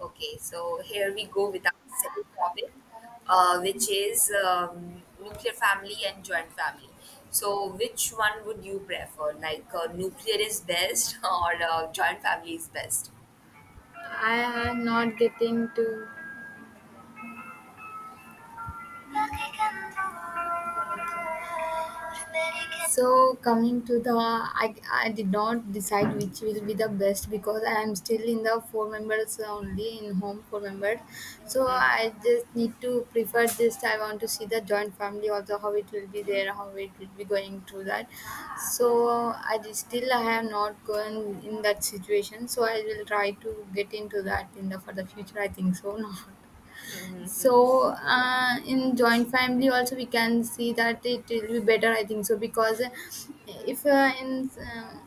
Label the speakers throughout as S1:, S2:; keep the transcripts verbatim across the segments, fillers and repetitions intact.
S1: Okay, so here we go with our second topic, uh, which is um, nuclear family and joint family. So, which one would you prefer? Like, uh, nuclear is best or uh, joint family is best?
S2: I am not getting to. So coming to the, I, I did not decide which will be the best because I am still in the four members only in home four members. So I just need to prefer just I want to see the joint family also how it will be there how it will be going through that. So I just- still I have not gone in that situation. So I will try to get into that in the for the future. I think so. No. So uh, in joint family also we can see that it will be better I think so because if uh, in uh,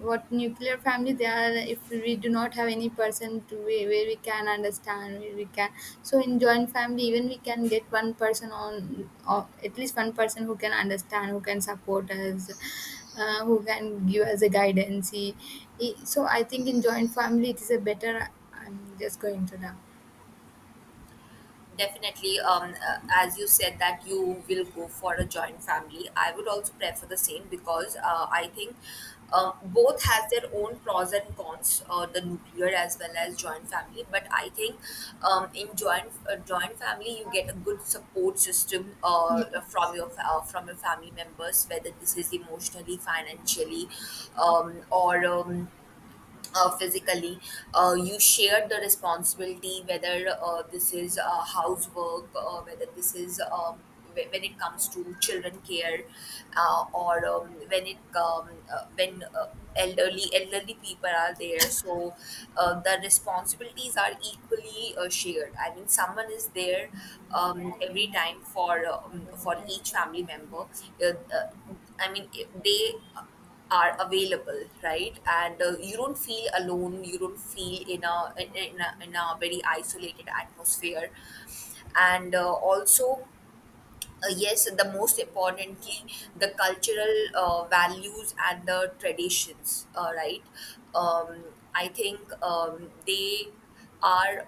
S2: what nuclear family they are if we do not have any person to where, where we can understand where we can so in joint family even we can get one person on or at least one person who can understand who can support us, uh, who can give us a guidance He- he- so I think in joint family it is a better I'm just going to now.
S1: Definitely, um, uh, as you said that you will go for a joint family, I would also prefer the same because uh, I think um both has their own pros and cons, uh, the nuclear as well as joint family. But I think um, in joint uh, joint family you get a good support system
S2: Yeah.
S1: uh, from your fa- uh, from your family members, whether this is emotionally, financially, um, or um, uh, physically. Uh, you shared the responsibility, whether uh, this is uh, housework, uh, whether this is um, wh- when it comes to children care, uh, or um, when it um, uh, when uh, elderly elderly people are there. So uh, the responsibilities are equally uh, shared. I mean, someone is there um, every time for um, for each family member. Uh, uh, I mean, they are available, right? And uh, you don't feel alone, you don't feel in a in a, in a very isolated atmosphere, and uh, also uh, yes, the most importantly, the cultural uh, values and the traditions, uh, right? um, I think um, they are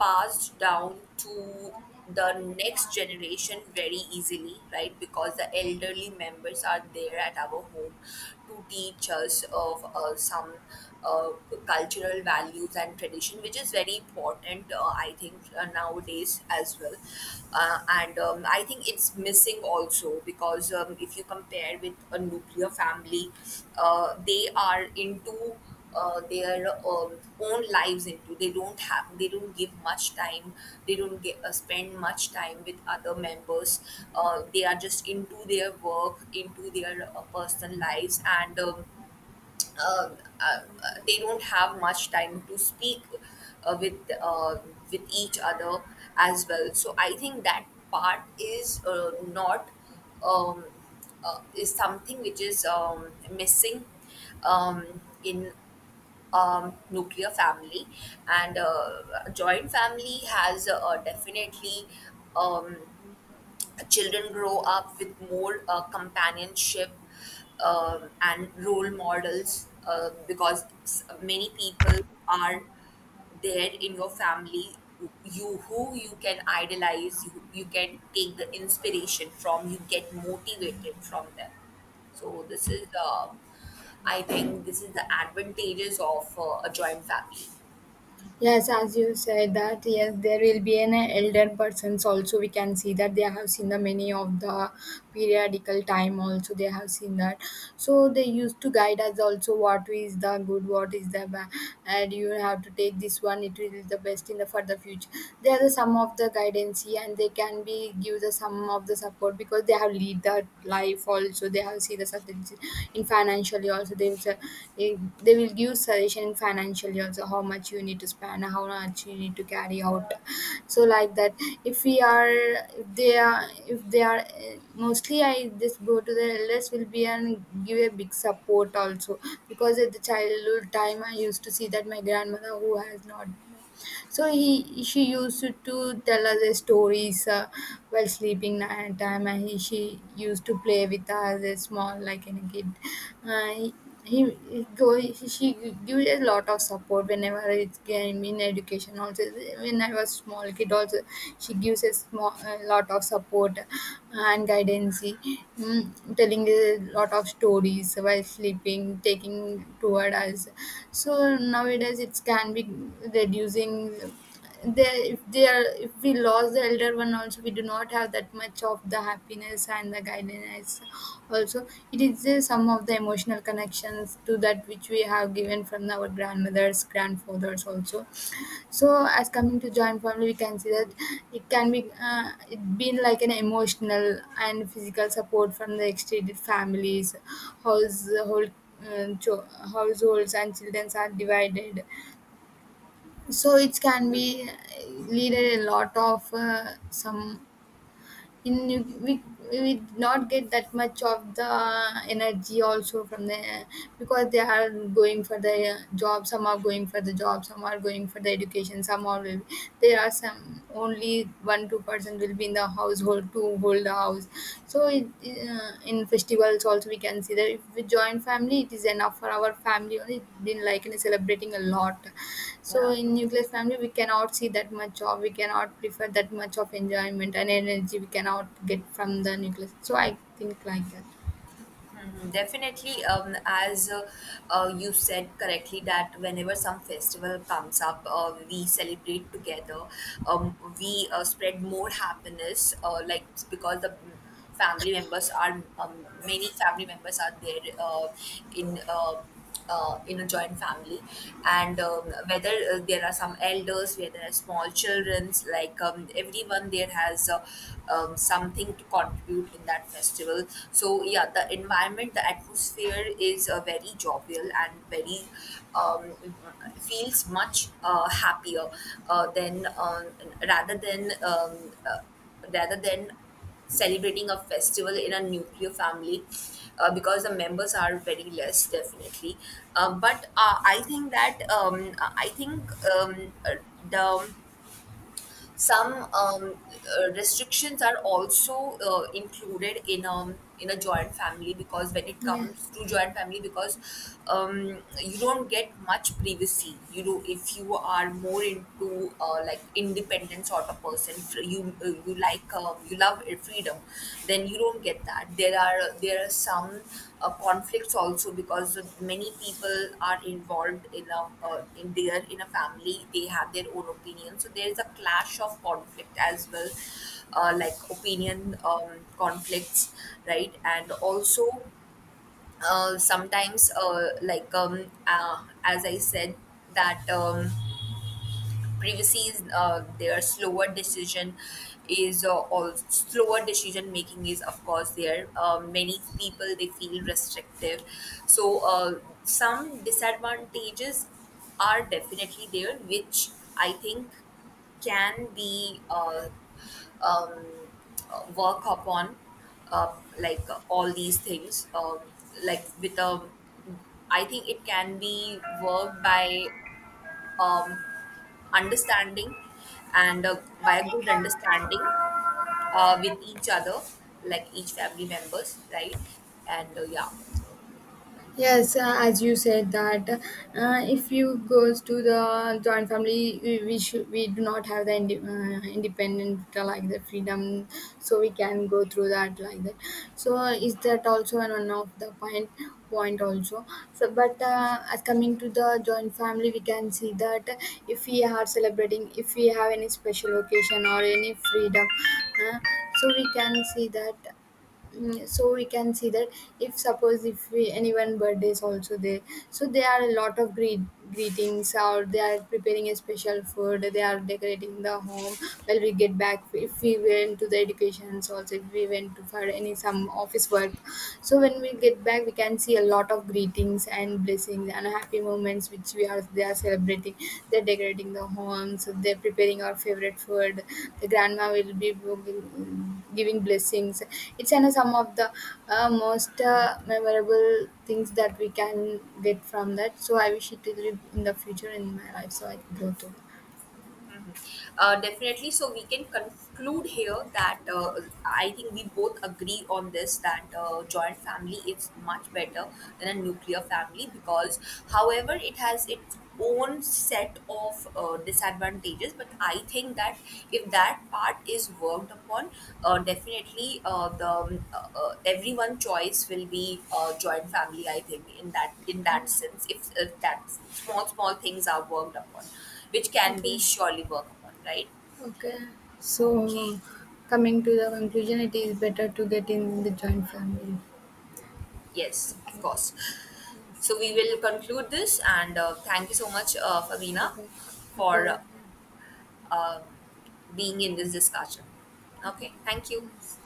S1: passed down to the next generation very easily, right? Because the elderly members are there at our home to teach us of uh, some uh, cultural values and tradition, which is very important, uh, I think, uh, nowadays as well. Uh, and um, I think it's missing also because um, if you compare with a nuclear family, uh, they are into uh, their um, own lives into. They don't have, they don't give much time. They don't get, uh, spend much time with other members. Uh, they are just into their work, into their uh, personal lives, and um, uh, uh, they don't have much time to speak uh, with uh, with each other as well. So I think that part is uh, not um, uh, is something which is um, missing um, in um, nuclear family, and uh, a joint family has uh, definitely um, children grow up with more uh, companionship um, and role models, uh, because s- many people are there in your family, you who you can idolize, you, you can take the inspiration from, you get motivated from them. So this is uh, I think this is the advantages of uh, a joint family.
S2: Yes, as you said that, yes, there will be an elder persons also. We can see that they have seen the many of the periodical time also. They have seen that. So they used to guide us also what is the good, what is the bad, and you have to take this one. It will the best in the for the future. They are the some of the guidance and they can be give the some of the support because they have lead that life life also they have see the suggestion in financially also they will su- eh, they will give suggestion in financially also how much you need to spend how much you need to carry out so like that if we are if they are if they are eh, mostly I just go to the elders will be and give a big support also because at the childhood time I used to see that my grandmother who has not so he she used to tell us the stories uh, while sleeping night time and he, she used to play with us a small like any kid, uh, he, he he go he- she gives a lot of support whenever it's game in education also when I was small kid also she gives a small a lot of support and guidance, mm, telling a lot of stories while sleeping taking toward us. So nowadays it can be reducing. They if they are if we lost the elder one also we do not have that much of the happiness and the guidance. Also it is uh, some of the emotional connections to that which we have given from our grandmothers grandfathers also. So, as coming to joint family, we can see that it can be uh, it been like an emotional and physical support from the extended families, household. Uh, cho- Households and children are divided, so it can be uh, lead a lot of uh, some in you- we we did not get that much of the energy also from the because they are going for the uh, job, some are going for the job, some are going for the education, some are will, there are some only one two person will be in the household to hold the house so it, uh, in festivals also we can see that if we join family it is enough for our family only it been like in celebrating a lot. So
S1: Yeah.
S2: in nuclear family, we cannot see that much of, we cannot prefer that much of enjoyment and energy we cannot get from the nucleus. So I think like that.
S1: Mhm. Definitely, um, as uh, uh, you said correctly, that whenever some festival comes up, uh, we celebrate together. Um, we uh, spread more happiness, uh, like because the family members are um, many family members are there uh, in. Uh, uh, in a joint family, and um, whether uh, there are some elders where there are small childrens, like um, everyone there has uh, um, something to contribute in that festival. So yeah, the environment, the atmosphere is uh, very jovial and very um, feels much uh, happier uh, than um, rather than um, uh, rather than celebrating a festival in a nuclear family, uh, because the members are very less definitely. Um but uh, I think that um, I think um, uh, the some um, uh, restrictions are also uh, included in um in a joint family, because when it
S2: Yeah.
S1: comes to joint family, because um, you don't get much privacy, you know, if you are more into uh, like independent sort of person. Fr- you, uh, you like um, you love free freedom, then you don't get that. There are, there are some uh, conflicts also, because many people are involved in a uh, in their in a family, they have their own opinion, so there is a clash of conflict as well, uh, like opinion um, conflicts, right? And also uh, sometimes uh, like um, uh, as I said that um, privacies uh, their slower decision is uh, or slower decision making is of course there. Uh, many people they feel restrictive. So uh, some disadvantages are definitely there, which I think can be uh, um, uh, work upon, uh, like uh, all these things, um, like with a I think it can be worked by um, understanding and uh, by a good understanding uh, with each other, like each family members, right? And uh, yeah.
S2: Yes, uh, as you said that uh, if you goes to the joint family, we, we should we do not have the inde- uh, independent, uh, like the freedom, so we can go through that like that. So uh, is that also an one of the point point also? So but uh, as coming to the joint family, we can see that if we are celebrating, if we have any special occasion or any freedom, uh, so we can see that. Mm, so we can see that if suppose if we anyone birthday is also there, so there are a lot of greet, greetings, or they are preparing a special food, they are decorating the home, well we get back if we went to the educations also if we went to for any some office work, so when we get back we can see a lot of greetings and blessings and happy moments which we are they are celebrating, they're decorating the homes, they're preparing our favorite food, the grandma will be giving giving blessings. It's an, some of the uh, most uh, memorable things that we can get from that, so I wish it to live in the future in my life so I can go to.
S1: Uh, definitely. So we can conclude here that uh, I think we both agree on this, that uh, joint family is much better than a nuclear family because, however, it has its own set of uh, disadvantages, but I think that if that part is worked upon, uh, definitely uh, the um, uh, uh, everyone choice will be uh, joint family. I think in that, in that sense, if, if that small small things are worked upon, which can be
S2: Okay.
S1: surely worked upon, right?
S2: Okay. So
S1: Okay.
S2: coming to the conclusion, it is better to get in the joint family.
S1: Yes,
S2: Okay.
S1: of course.
S2: Yes.
S1: So we will conclude this, and uh, thank you so much, uh, Fabina,
S2: Okay. Okay.
S1: for uh, being in this discussion.
S2: Okay.
S1: Okay, thank you.
S2: Yes.